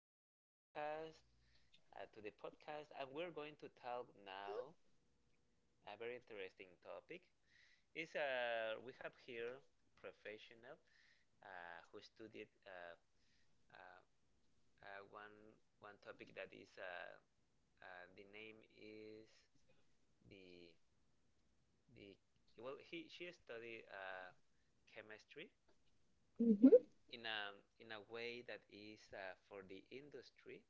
this podcast. To the podcast, and we're going to talk now a very interesting topic. Is we have here professional who studied uh, uh, one one topic that is the name is the the well he she studied chemistry hmm in a in a way that is for the industry.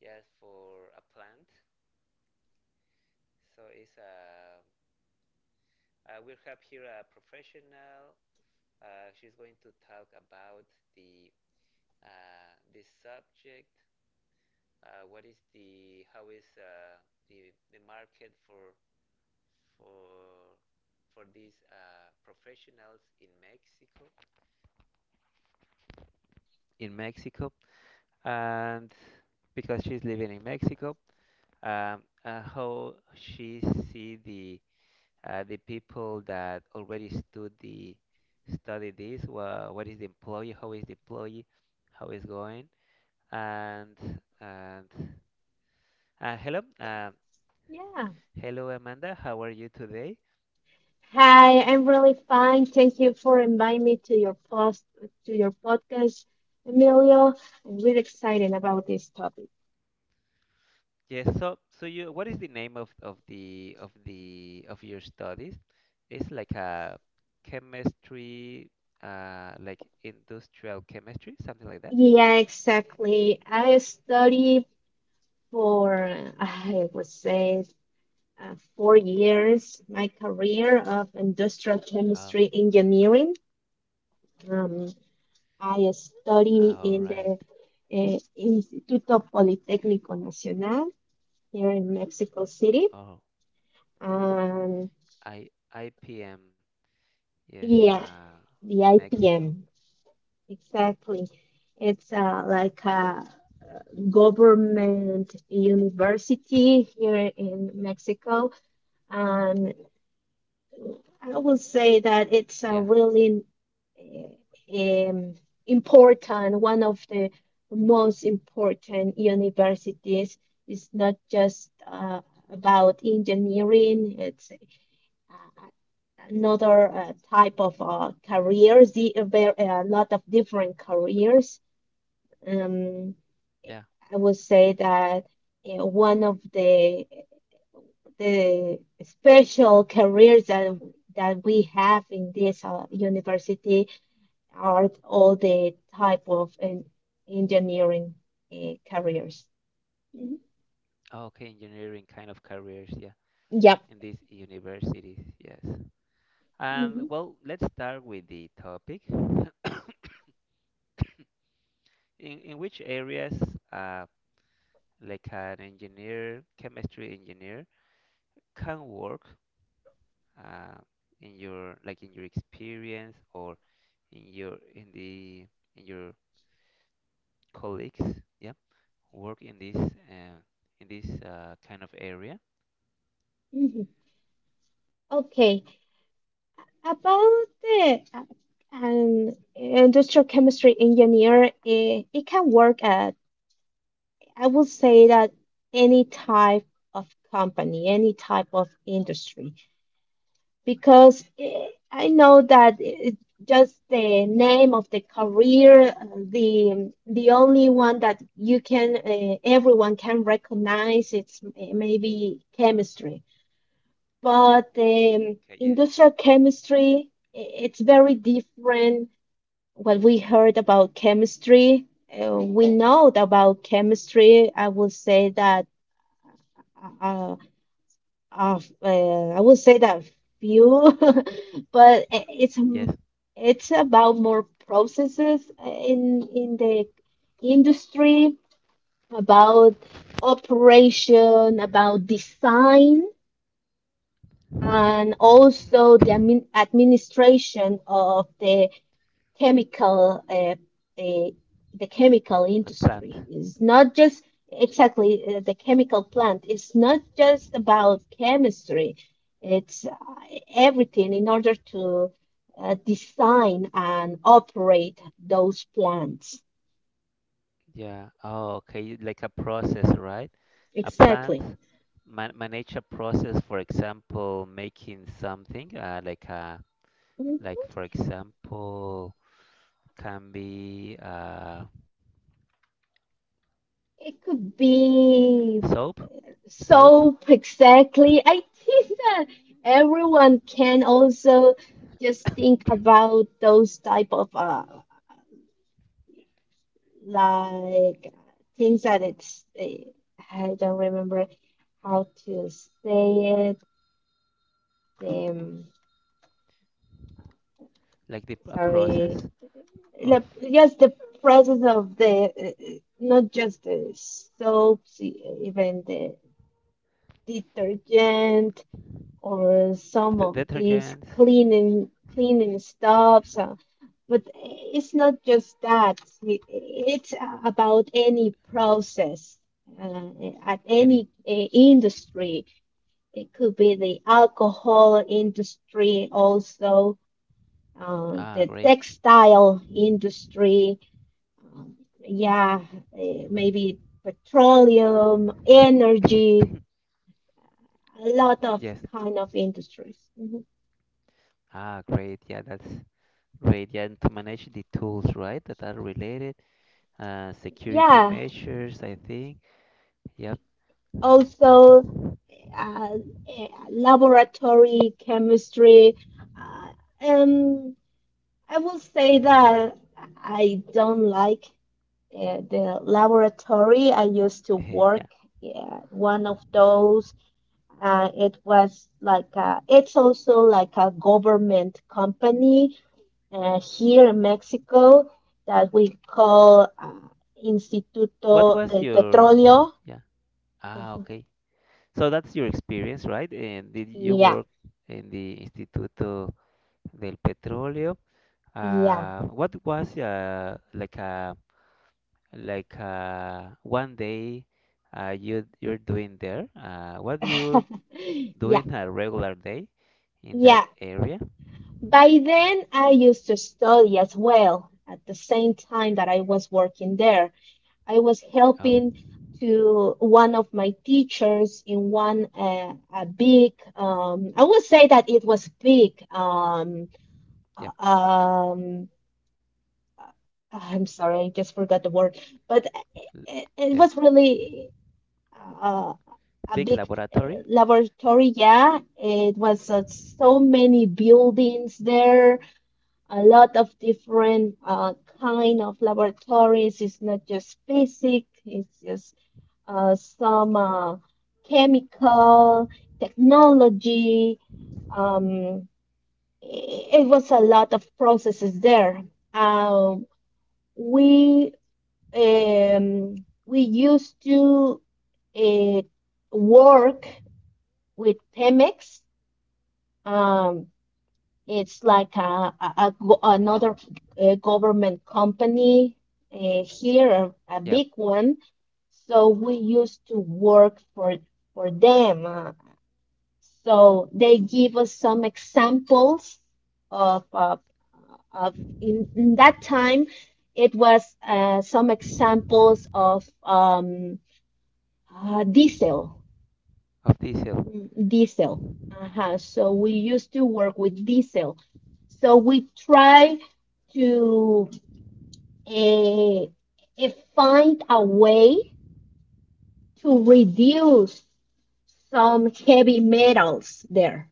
Yes, for a plant. So it's a we have here a professional. She's going to talk about the the subject. What is the how is the market for for these professionals in Mexico? In Mexico, and because she's living in Mexico, how she see the people that already study this, what is the employee, how is the employee, how is going, and and hello, Yeah. hello Amanda, how are you today? Hi, I'm really fine. Thank you for inviting me to your podcast, Emilio. I'm really excited about this topic. Yes, so so you, what is the name of the of the of your studies? It's like a chemistry, like industrial chemistry, something like that. Yeah, exactly. I studied for I would say 4 years my career of industrial Oh, chemistry engineering. Um, I study all in right. the Instituto Politécnico Nacional here in Mexico City. Oh, And I IPM. Yes, yeah, uh, the in Mexico. IPM. Exactly. It's like a government university here in Mexico. And I will say that it's Yeah, a really eh, um, important, one of the most important universities. It's not just about engineering, it's uh, uh, another type of careers, there a lot of different careers. Um, yeah. I would say that one of the special careers that we have in this university are all the type of engineering careers. Mhm. Oh, okay, engineering kind of careers, yeah, Yep. in these universities, yes. hmm And well, let's start with the topic. In which areas, uh, like an engineer, chemistry engineer, can work, uh, in your like in your experience or in your in the in your colleagues, yeah, work in this kind of area. hmm Okay. About the an industrial chemistry engineer, it can work at, I would say that any type of company, any type of industry, because I know that it, just the name of the career, the only one that you can everyone can recognize it's maybe chemistry, but Okay, yes. industrial chemistry it's very different what we heard about chemistry, we know about chemistry. I would say that uh, uh, I would say that few, but it's Yes, it's about more processes in the industry about operation, about design, and also the administration of chemical uh, uh, the chemical a plant. industry is not just exactly the chemical plant it's not just about chemistry it's everything in order to design and operate those plants Yeah. Oh, okay. Like a process, right? A plant exactly. Manage a process, for example, making something, like a like Mhm. for example, can be It could be soap, soap, soap uh, exactly. I think that everyone can also just think about those type of like things that it's I don't remember how to say it. Um, like the a sorry, process of like, just the process of the not just the soaps, even the detergent or d some of these detergents, cleaning stops. But it's not just that. It's about any process uh, at any. any industry. It could be the alcohol industry, also Ah, the great. textile industry. Um, yeah, maybe petroleum, energy, a lot of Yes. kind of industries. Mhm. Ah, great. Yeah, that's great. Yeah, and to manage the tools, right, that are related security Yeah. measures, I think. Yep. Also uh, laboratory chemistry. Uh, um, I will say that I don't like the laboratory. I used to work yeah. yeah, one of those. It was like a, it's also like a government company here in Mexico that we call What Instituto was del your? Petróleo. Yeah. Ah, Mhm. okay. So that's your experience, right? And did you Yeah, work in the Instituto del Petróleo? yeah. What was like a 1 day you you're doing there? What do you Yeah, doing a regular day in yeah. that area? By then, I used to study as well at the same time that I was working there. I was Oh, helping to one of my teachers in one a big I would say that it was big uh, yep. um, uh, I'm sorry, I just forgot the word, but l- it, Yeah. it was really. uh, Big a big laboratory. Laboratory. Yeah, it was so many buildings there, a lot of different kind of laboratories. It's not just physics. It's just some chemical technology. Um, it was a lot of processes there. Um, we um, we used to uh, work with Pemex. Um, it's like a another government company here, a Yeah. big one. So we used to work for them. So they give us some examples of uh, of in that time it was some examples of. Diesel, Of diesel. Diesel. Uh-huh. So we used to work with diesel. So we try to uh, eh, find a way to reduce some heavy metals there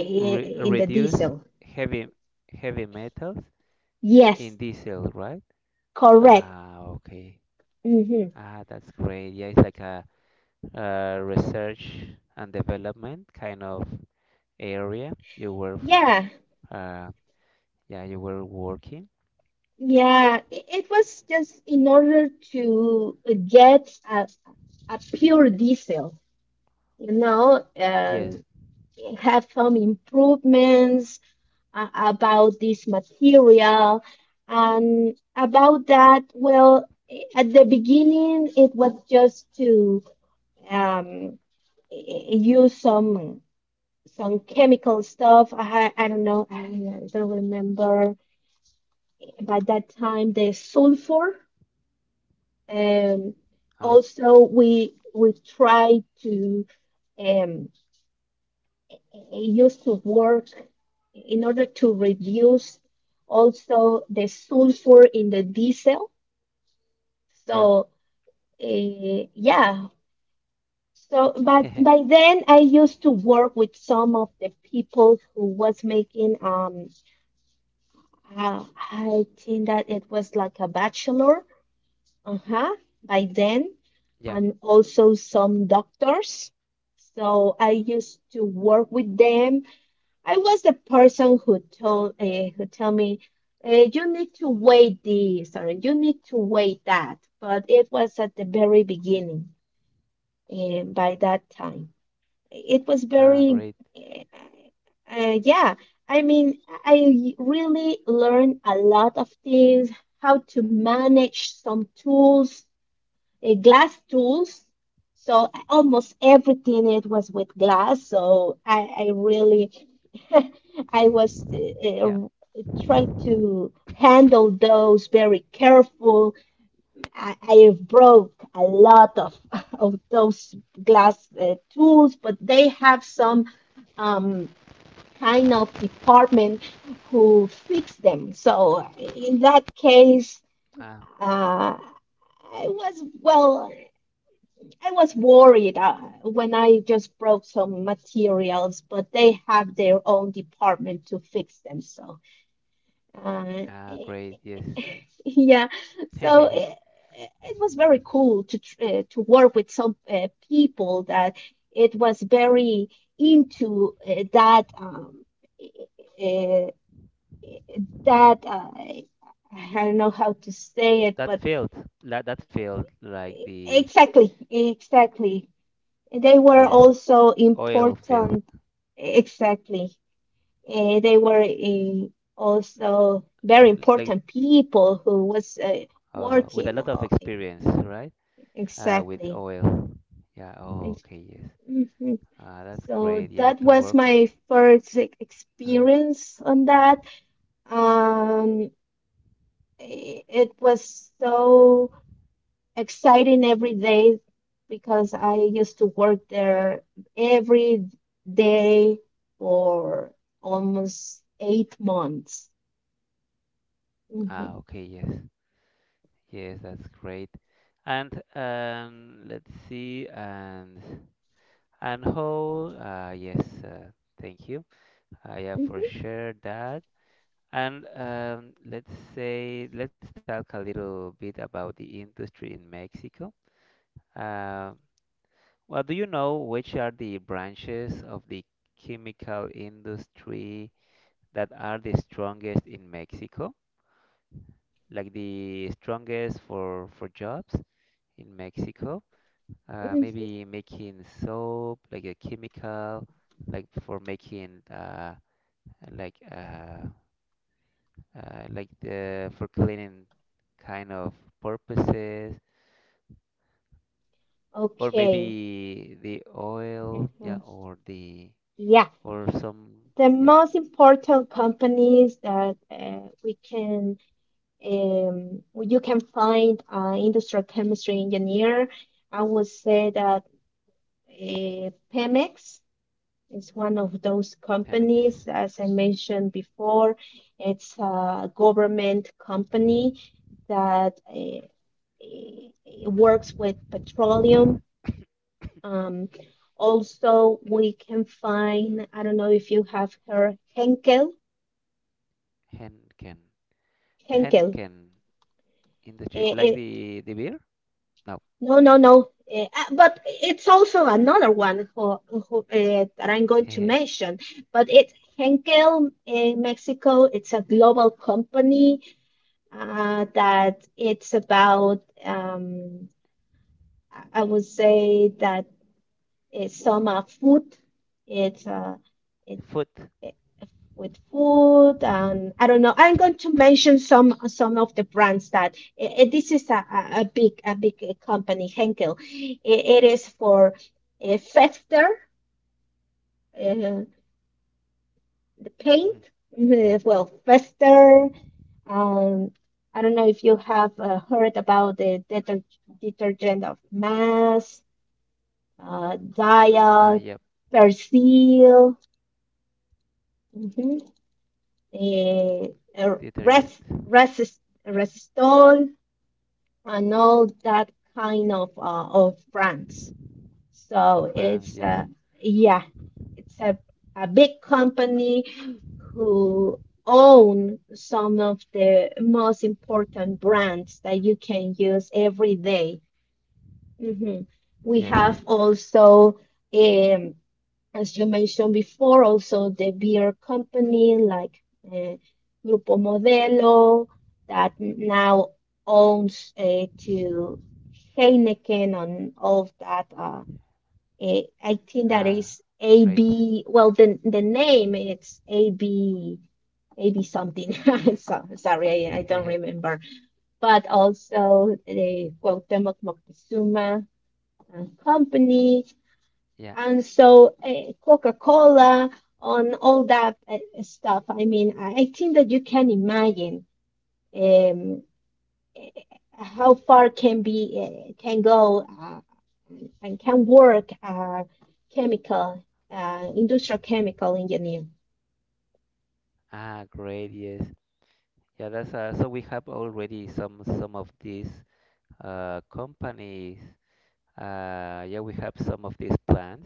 in the reduce diesel. heavy heavy metals in Yes, diesel, right? correct. Ah, okay. hmm Ah, that's great. Yeah, it's like a, research and development kind of area you were, Yeah, uh, yeah, you were working. yeah. It was just in order to get a pure diesel, you know, Yes. and have some improvements about this material. And about that, well, at the beginning, it was just to um, use some chemical stuff. I don't know. I don't remember. By that time, the sulfur. Um, Oh, also, we try to. um, it used to work in order to reduce also the sulfur in the diesel. yeah. So, yeah. So, but by then I used to work with some of the people who was making, uh, I think that it was like a bachelor, uh-huh, by then, Yeah. and also some doctors. So I used to work with them. I was the person who told who tell me you need to wait this or you need to wait that, but it was at the very beginning. And by that time, it was Ah, very great. uh, yeah. I mean, I really learned a lot of things, how to manage some tools, glass tools. So almost everything it was with glass. So I really, I was Yeah. Trying to handle those very careful. I broke a lot of, of those glass tools, but they have some um, kind of department who fix them. So in that case, Ah, uh, I was well. I was worried when I just broke some materials, but they have their own department to fix them. So, uh, ah, great. Yes. yeah, so it was very cool to to work with some people that it was very into that uh, that I don't know how to say it, That but field, that field, like the exactly, exactly. They were yes, also oil field, important, exactly. They were also very like important people who was with a lot working. of experience, right? With Exactly. oil. Yeah. Oh, Ex- okay. Yes. mhm. That's great. So Yeah, that to work. was my first Uh-huh. experience on that. Um, it was so exciting every day because I used to work there every day for almost 8 months. Ah, Mhm, okay. Yes. Yes, that's great. And let's see. And how? Yes. Thank you. Yeah, mhm, for sure that. And let's say let's talk a little bit about the industry in Mexico. Um, well, do you know which are the branches of the chemical industry that are the strongest in Mexico? Like the strongest for jobs in Mexico? Mm. Maybe making soap, like a chemical, like for making like uh, like the for cleaning kind of purposes, or Okay. maybe the oil, yeah, Uh-huh. or the Yeah. or some. The Yep. most important companies that we can well, you can find an industrial chemistry engineer, I would say that Pemex. It's one of those Pemex. companies, as I mentioned before, it's a government company that eh, works with petroleum. Um, also, we can find, I don't know if you have heard Henkel. Henken. Henkel. Henken industry. Eh, Like eh, the beer? No. no, no, no. Ah, but it's also another one who, that I'm going to mention. But it's Henkel in Mexico. It's a global company that it's about, I would say that it's some food. It's it, Food. it with food, and I don't know. I'm going to mention some of the brands that this is a a big company, Henkel. It is for a Fester. eh, Mhm. Paint, Yeah. well, fester. Um, I don't know if you have heard about the detergent of mass, Ah, Dial, yep. Persil, mhm, eh, Detergent resist resistol, and all that kind of brands. So of brands. it's Yes. Yeah, it's a big company who own some of the most important brands that you can use every day. Mhm. We Yes. have also, um, as you mentioned before, also the beer company like uh, Grupo Modelo that now owns to Heineken and all of that. I think that Ah, is right. AB. Well, the name it's AB AB something. So, sorry, I don't remember. But also the Cuauhtémoc Moctezuma Company, Yeah. and so Coca-Cola on all that stuff. I mean, I think that you can imagine um, how far can be can go and can work chemical industrial chemical engineer. Ah, great. Yes. Yeah, that's so we have already some of these companies. Yeah, we have some of these plans.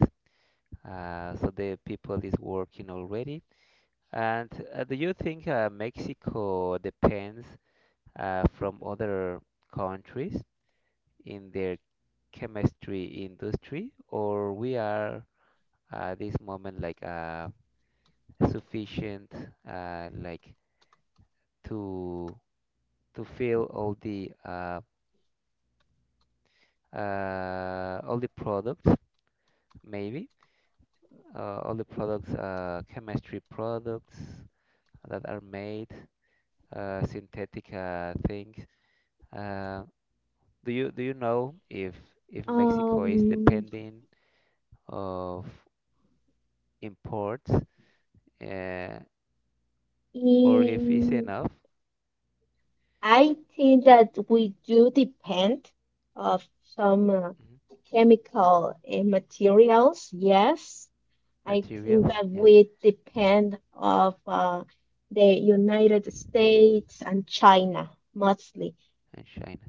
So the people is working already. And do you think Mexico depends from other countries in their chemistry industry, or we are at this moment like sufficient like to to fill all the products maybe all the products chemistry products that are made synthetic things. Um, Do you do you know if Mexico is Um, depending of imports uh, or if it's in enough. I think that we do depend of some Mhm. chemical materials. Yes, I think Materials? that Yeah, we depend of the United States and China mostly. and China.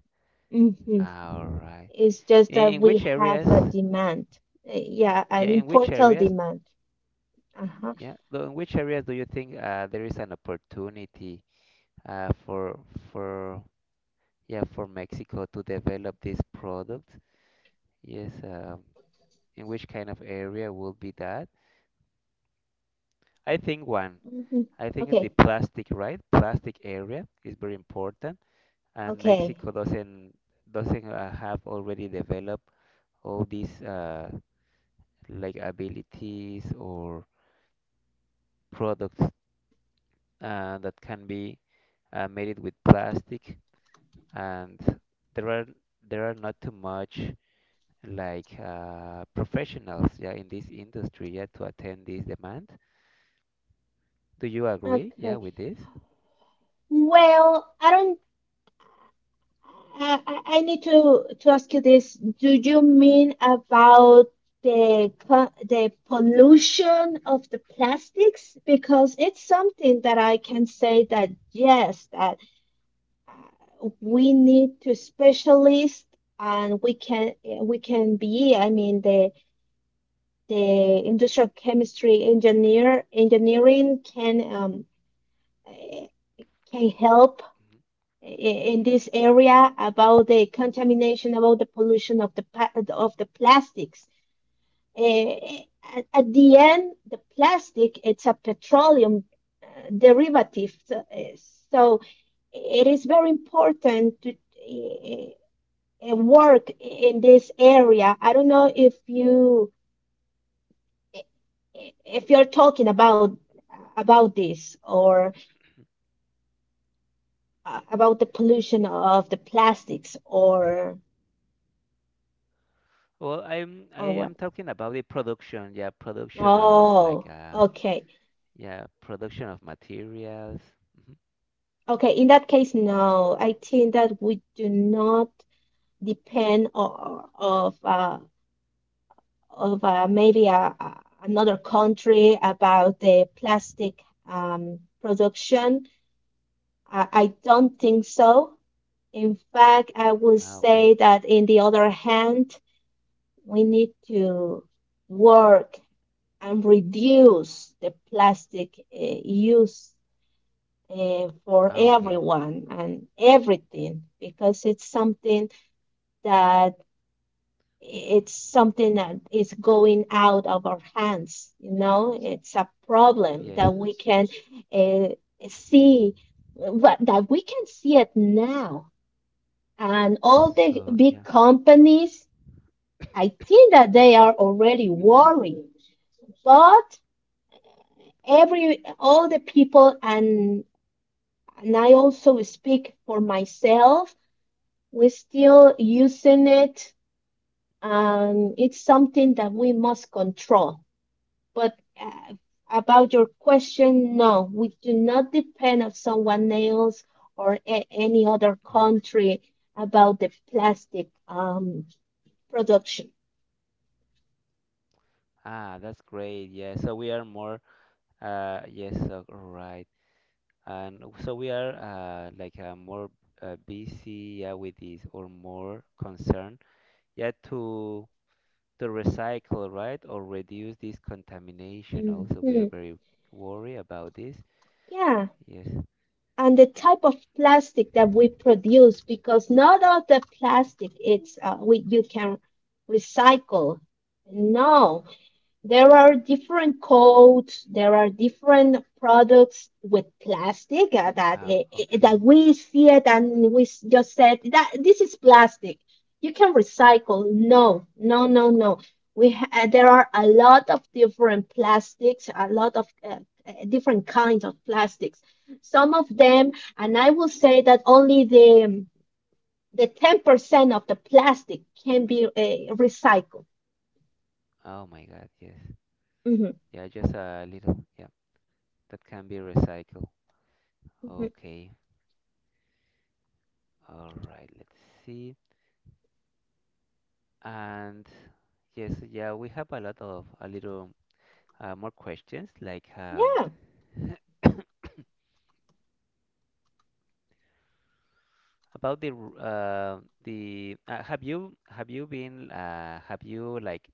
hmm All right. It's just that In we which have a areas? demand. Yeah, Yeah, an in which important areas? demand. Uh-huh. Yeah, in which areas do you think there is an opportunity uh, for for yeah for Mexico to develop these products? Yes. In which kind of area will be that? I think one. hmm I think Okay. the plastic, right? Plastic area is very important, and Okay. Mexico doesn't have already developed all these like abilities or products that can be made it with plastic, and there are there are not too much like professionals, yeah, in this industry, yeah, to attend this demand. Do you agree, yeah, Okay. with this? Well, I don't I need to ask you this. Do you mean about the the pollution of the plastics? Because it's something that I can say that yes, that we need to specialists and we can be, I mean, the industrial chemistry engineering can eh, can help in this area about the contamination, about the pollution of the of the plastics. Eh, at the end, the plastic it's a petroleum derivative, so so it is very important to eh, work in this area. I don't know if you if you're talking about this or about the pollution of the plastics Well, I'm or I what. am talking about the production, yeah, production of like Oh, okay. yeah, production of materials. hmm Okay, in that case, no. I think that we do not depend of maybe a- another country about the plastic production. I don't think so. In fact, I would Ah, okay. say that in the other hand, we need to work and reduce the plastic use for Ah, okay. everyone and everything because that it's something that is going out of our hands. It's a problem Yes. that we can uh, see what that we can see it now, and all the So, big yeah. companies, I think that they are already worried. But every all the people, and I also speak for myself, we're still using it. It's something that we must control. But about your question, no, we do not depend on someone else or any other hmm country about the plastic production. Ah, that's great. Yeah. So we are more yes, right. And so we are like more busy yeah with this or more concerned yeah to recycle, right? Or reduce this contamination also. We are Hmm very worried about this. Yeah, Yes. and the type of plastic that we produce, because not all the plastic it's we you can recycle. No, there are different codes, there are different products with plastic that Ah, that okay. we see it and we just said that this is plastic. You can recycle? No, no, no, no. There are a lot of different plastics, a lot of different kinds of plastics. Some of them, and I will say that only the 10% of the plastic can be recycled. Oh my God, yes. Mhm, Yeah, just a little. Yeah, that can be recycled. mhm. Okay. All right, let's see. And yes, yeah, we have a lot of a little more questions like Yeah. about the the have you been have you like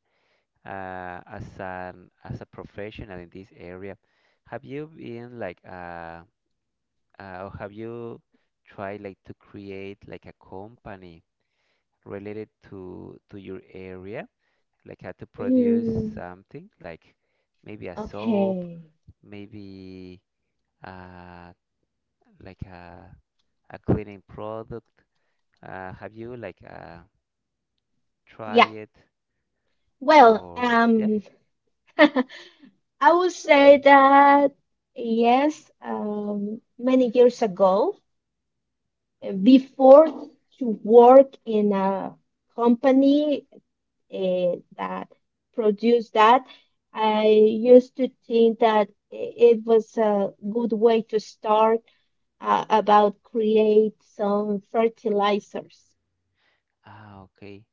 as an as a professional in this area have you been like or have you tried like to create like a company related to your area, like how to produce Mm, something like maybe a soap, okay. maybe uh, like a cleaning product? Have you like tried Yeah. it Well, or yes? I would say that yes, many years ago, before to work in a company that produced that, I used to think that it was a good way to start about create some fertilizers. Ah, okay.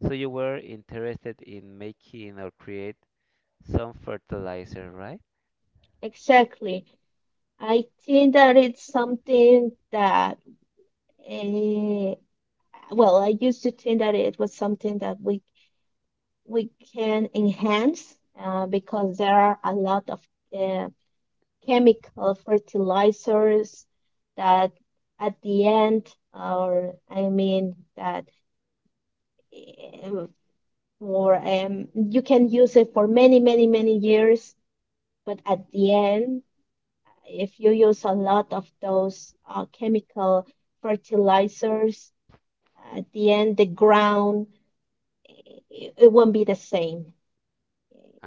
So you were interested in making or create some fertilizer, right? Exactly. I think that it's something that, uh, I used to think that it was something that we can enhance because there are a lot of uh, chemical fertilizers that at the end, or I mean that um, for you can use it for many, many, many years, but at the end, if you use a lot of those chemical fertilizers, at the end the ground, it won't be the same.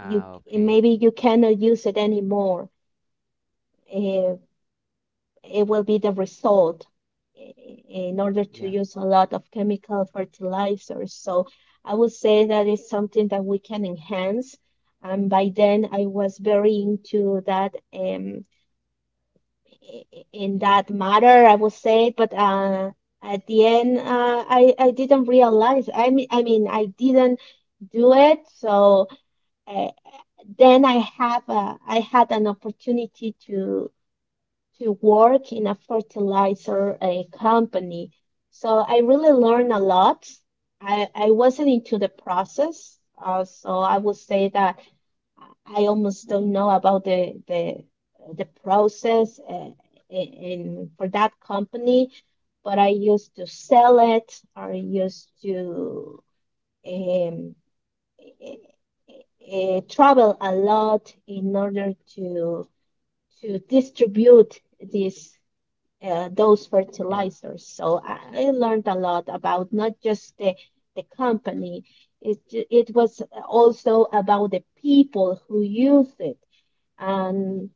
You okay. maybe you cannot use it anymore. Eh, it will be the result in order to Yeah. use a lot of chemical fertilizers. So I would say that is something that we can enhance. And by then I was very into that. In Yes. that matter, I would say, but at the end, I didn't realize. I mean, I didn't do it. So uh, then I had an opportunity to work in a fertilizer company. So I really learned a lot. I wasn't into the process, so I would say that I almost don't know about the process in for that company, but I used to sell it. I used to um, travel a lot in order to distribute these those Yeah. fertilizers. So I learned a lot about not just the company. It was also about the people who use it, and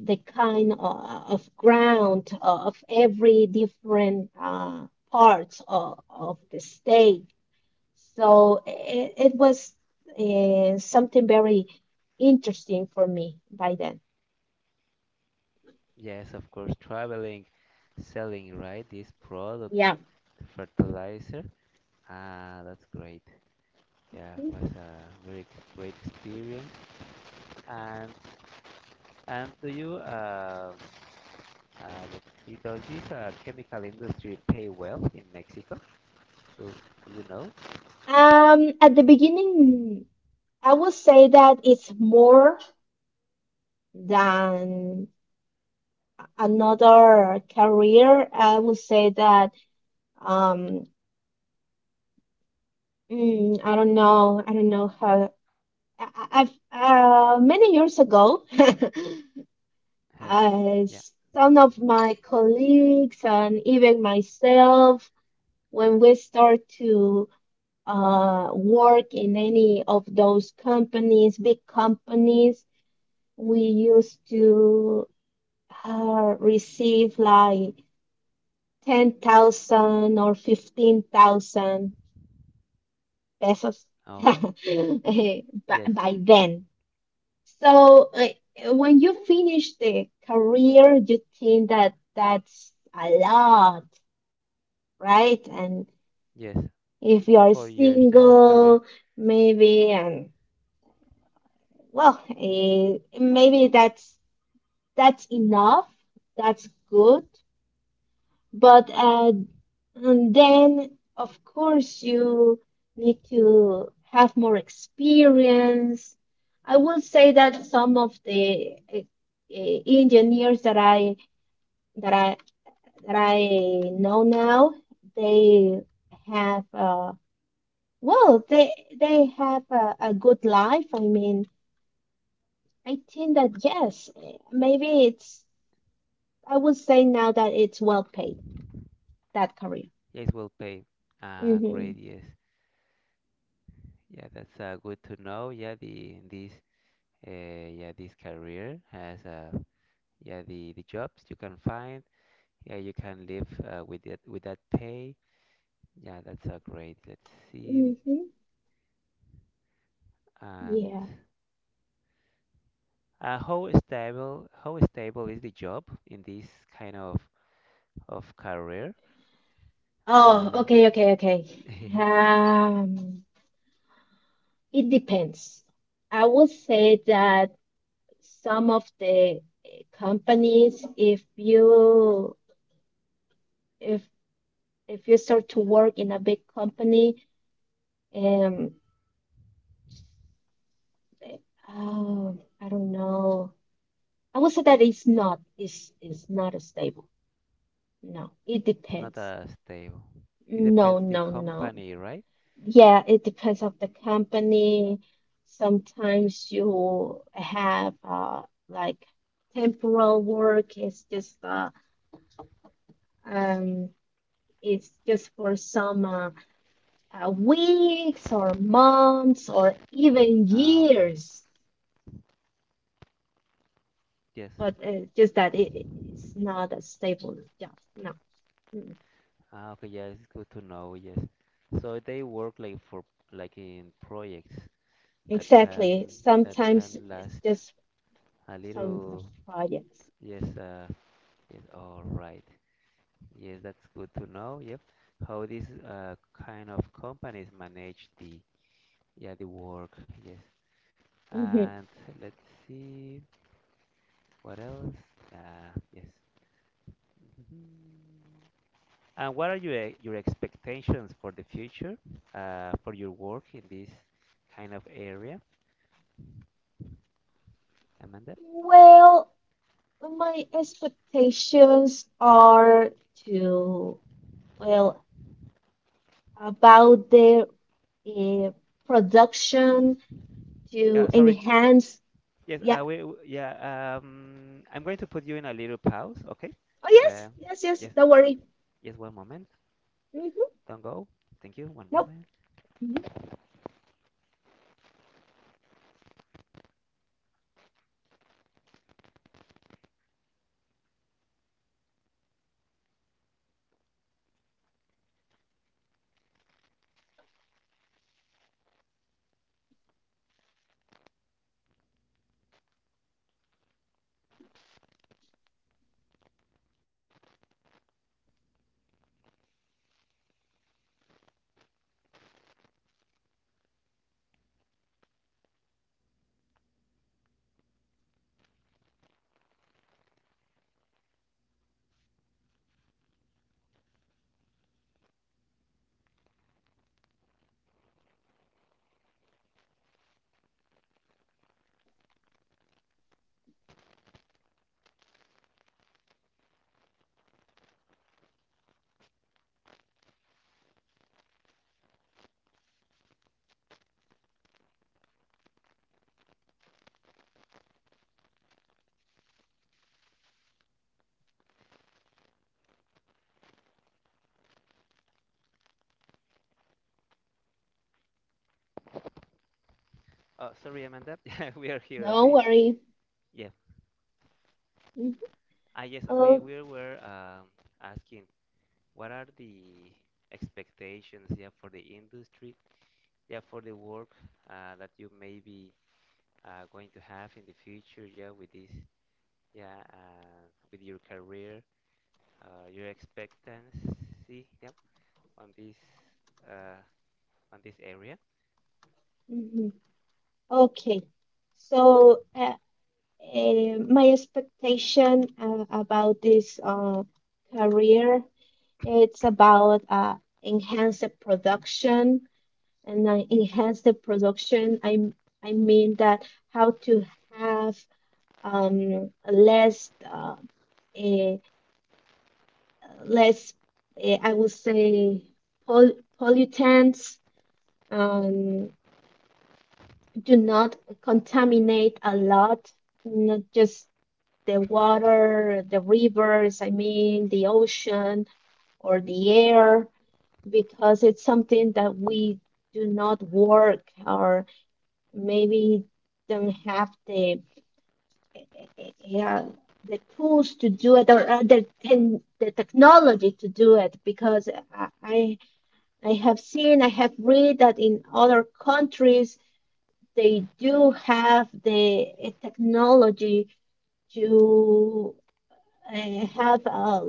the kind of ground of every different parts of the state. So it was something very interesting for me by then. Yes, of course, traveling, selling, right? This product, Yeah. fertilizer. Ah, that's great. Yeah, it was a very great experience. And and do you uh, the, does this chemical industry pay well in Mexico? Do, do you know? At the beginning, I would say that it's more than another career. I would say that um, I don't know. I don't know how I've many years ago, Hey, uh, yeah. some of my colleagues and even myself, when we start to work in any of those companies, big companies, we used to receive like 10,000 or 15,000 pesos Oh, yes, by then. So, when you finish the career, you think that that's a lot, right? And yes. if you're 4 years, yeah, of career. single, maybe, and well, eh, maybe that's enough. That's good. But And then, of course, you need to have more experience. I will say that some of the engineers that I that I that I know now, they have well, they have a good life. I mean, I think that yes, eh, maybe it's, I would say now that it's well paid, that career. Yes, will pay. Ah, Mm-hmm. great. Yes. Yeah, that's good to know. Yeah, the this yeah this career has yeah the jobs you can find yeah you can live with it with that pay yeah that's great let's see Mm-hmm. and Yeah. How stable is the job in this kind of career Oh, uh, okay, okay, okay. it's Um, it depends. I would say that some of the companies, if if you start to work in a big company, um, oh, I don't know. I would say that it's not stable. No, it not depends. Stable it No, depends the no, no. company right Yeah, it depends of the company. Sometimes you have like temporal work. Um it's just for some weeks or months or even ah okay years. yes But just that it, it's not a stable job. No. Mm. ah okay. Yeah, it's good to know yes so they work like for like in projects that Exactly. can that Sometimes can it's last just a some little. projects. Yes, yes. All right. Yes, that's good to know. Yep. How these kind of companies manage the yeah the work. Yes. Hmm And let's see what else. Yes. Mhm. And what are your your expectations for the future, for your work in this kind of area, Amanda? Mhm. Well, my expectations are to, well, about the uh, production to Yeah, sorry. enhance. Yes, Yeah. I will. Yeah, I'm going to put you in a little pause, okay? Oh, Uh, yes, yes, yes. yes, Don't worry. yes, one moment. Hmm Don't go. Thank you. One Nope. moment. hmm Oh, sorry, Amanda. Yeah. We are here Don't again. worry. Yeah. Hmm Ah, yes, Oh, we were asking what are the expectations, yeah, for the industry, yeah, for the work that you may be going to have in the future, yeah, with this, yeah, with your career, your expectancy, yeah. On this uh, on this area. mhm. Okay. So, my expectation about this career it's about enhance the production and enhance the production, I mean that how to have less eh, less I would say pol- pollutants, um, do not contaminate a lot, not just the water, the rivers, I mean, the ocean or the air, because it's something that we do not work, or maybe don't have the yeah, the tools to do it, or the technology to do it. Because I I have read that in other countries they do have the technology to, and have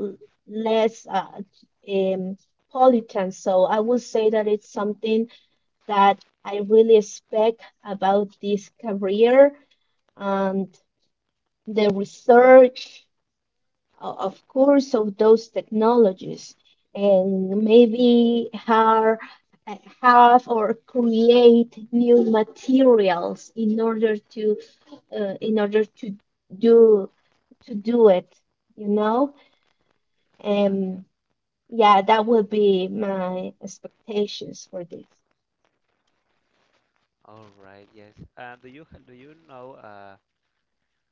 less um, pollutant. So I would say that it's something that I really expect about this career, and the research, o- of course, of those technologies, and maybe how have or create new materials in order to uh, in order to do it, you know. Yeah. Um, Yeah, that would be my expectations for this. All right. Yes. Do you do you know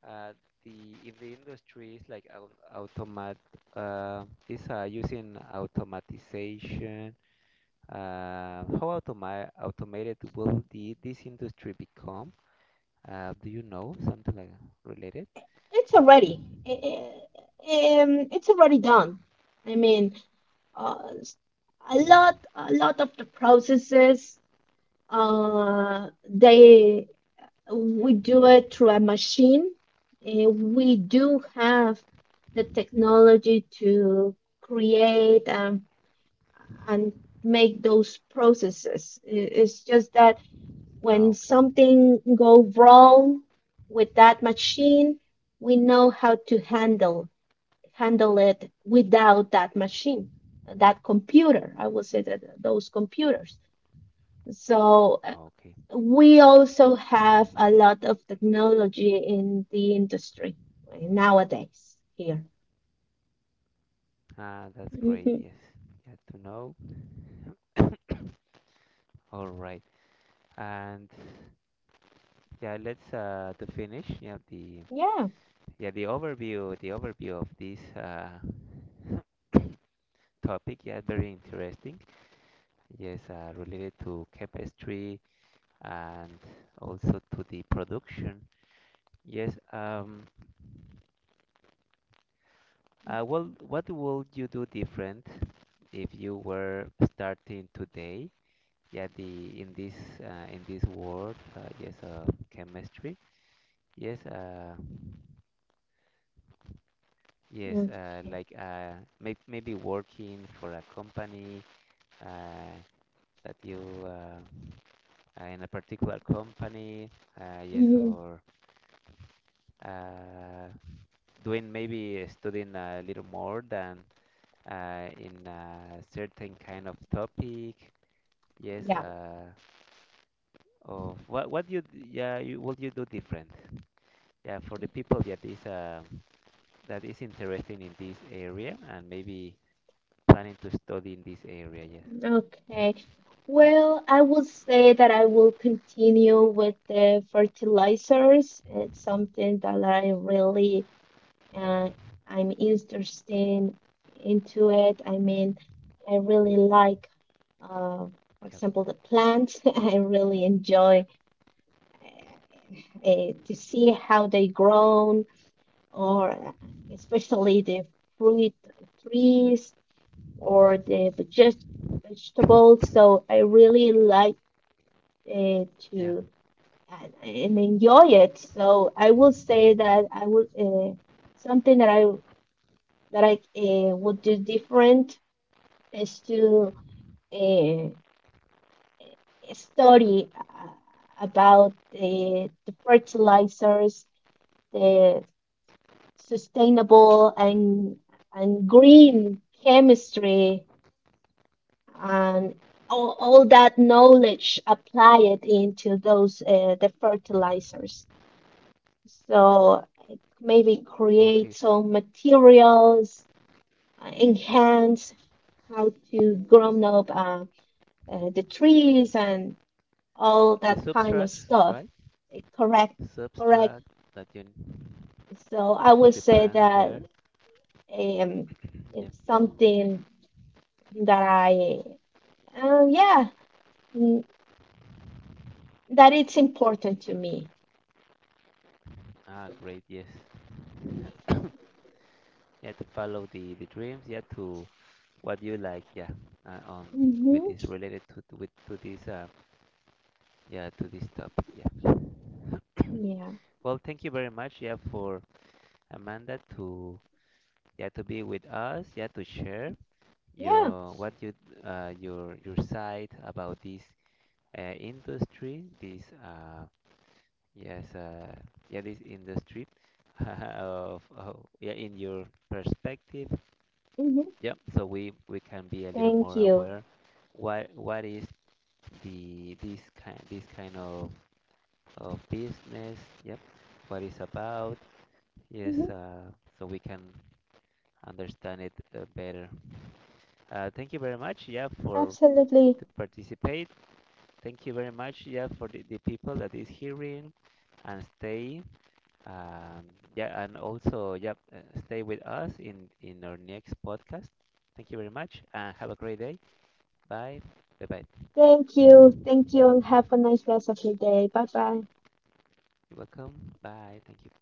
uh, the if the industry is like automat is using automatization? How automated will the this industry become? Do you know something like related? It's already, eh, it's already done. I mean, uh, s- a lot of the processes, they we do it through a machine. Eh, we do have the technology to create and make those processes. It's just that Ah, when okay. something go wrong with that machine, we know how to handle it without that machine, that computer. I would say that those computers. So Okay. we Yeah. also have a lot of technology in the industry nowadays here. Ah, that's great. Hmm Yes. Yeah, to know. All right. And yeah, let's to finish, yeah, the Yeah. yeah, the overview of this topic, yeah, very interesting. Yes, related to chemistry and also to the production. Yes, well, what would you do different if you were starting today? Yeah, the in this world, yes, chemistry. Yes, yes, Okay. like maybe working for a company uh, that you. Uh, in a particular company, yes, Mhm. or uh, doing maybe studying a little more than in a certain kind of topic, yes, Yeah. Of what yeah you, what you do different, yeah, for the people that is interested in this area and maybe planning to study in this area, yes, Okay. Well, I would say that I will continue with the fertilizers. It's something that I really uh, I'm interested into it. I mean, I really like, uh, for yep, example, the plants. I really enjoy to see how they grow, or especially the fruit trees or the vegetables. So I really like it yeah, to, and enjoy it. So I will say that I would something that I would do different is to uh, study about the fertilizers, the sustainable and green chemistry, and all that knowledge apply it into those the fertilizers, so maybe create okay, some materials, enhance how to grow up the trees and all that the kind of subtracts, stuff. right? Eh, correct, correct. Subtract that you So to I put would the say plants that there. um, Yeah. it's something that uh, yeah mm, that it's important to me. Ah, great. Yes. Yeah, to follow the dreams. Yeah, to what you like. Yeah. Uh, um, with this Hmm related to, with, to this yeah to this topic. Yeah. Yeah. Well, thank you very much. Yeah, for Amanda to yeah to be with us. Yeah, to share Yeah. your what you your side about this industry. This yes yeah this industry of yeah in your perspective. hmm Yeah, so we can be a little Thank more you. aware what is the this kind of business. Yep. What it's about. Yes. Hmm So we can understand it better. Thank you very much. Yeah, for Absolutely. to participate. Thank you very much. Yeah, for the people that is hearing and stay. Um, yeah, and also yeah, stay with us in our next podcast. Thank you very much and have a great day. Bye. Bye bye. Thank you. Thank you. And have a nice rest of your day. Bye bye. You're welcome. Bye. Thank you.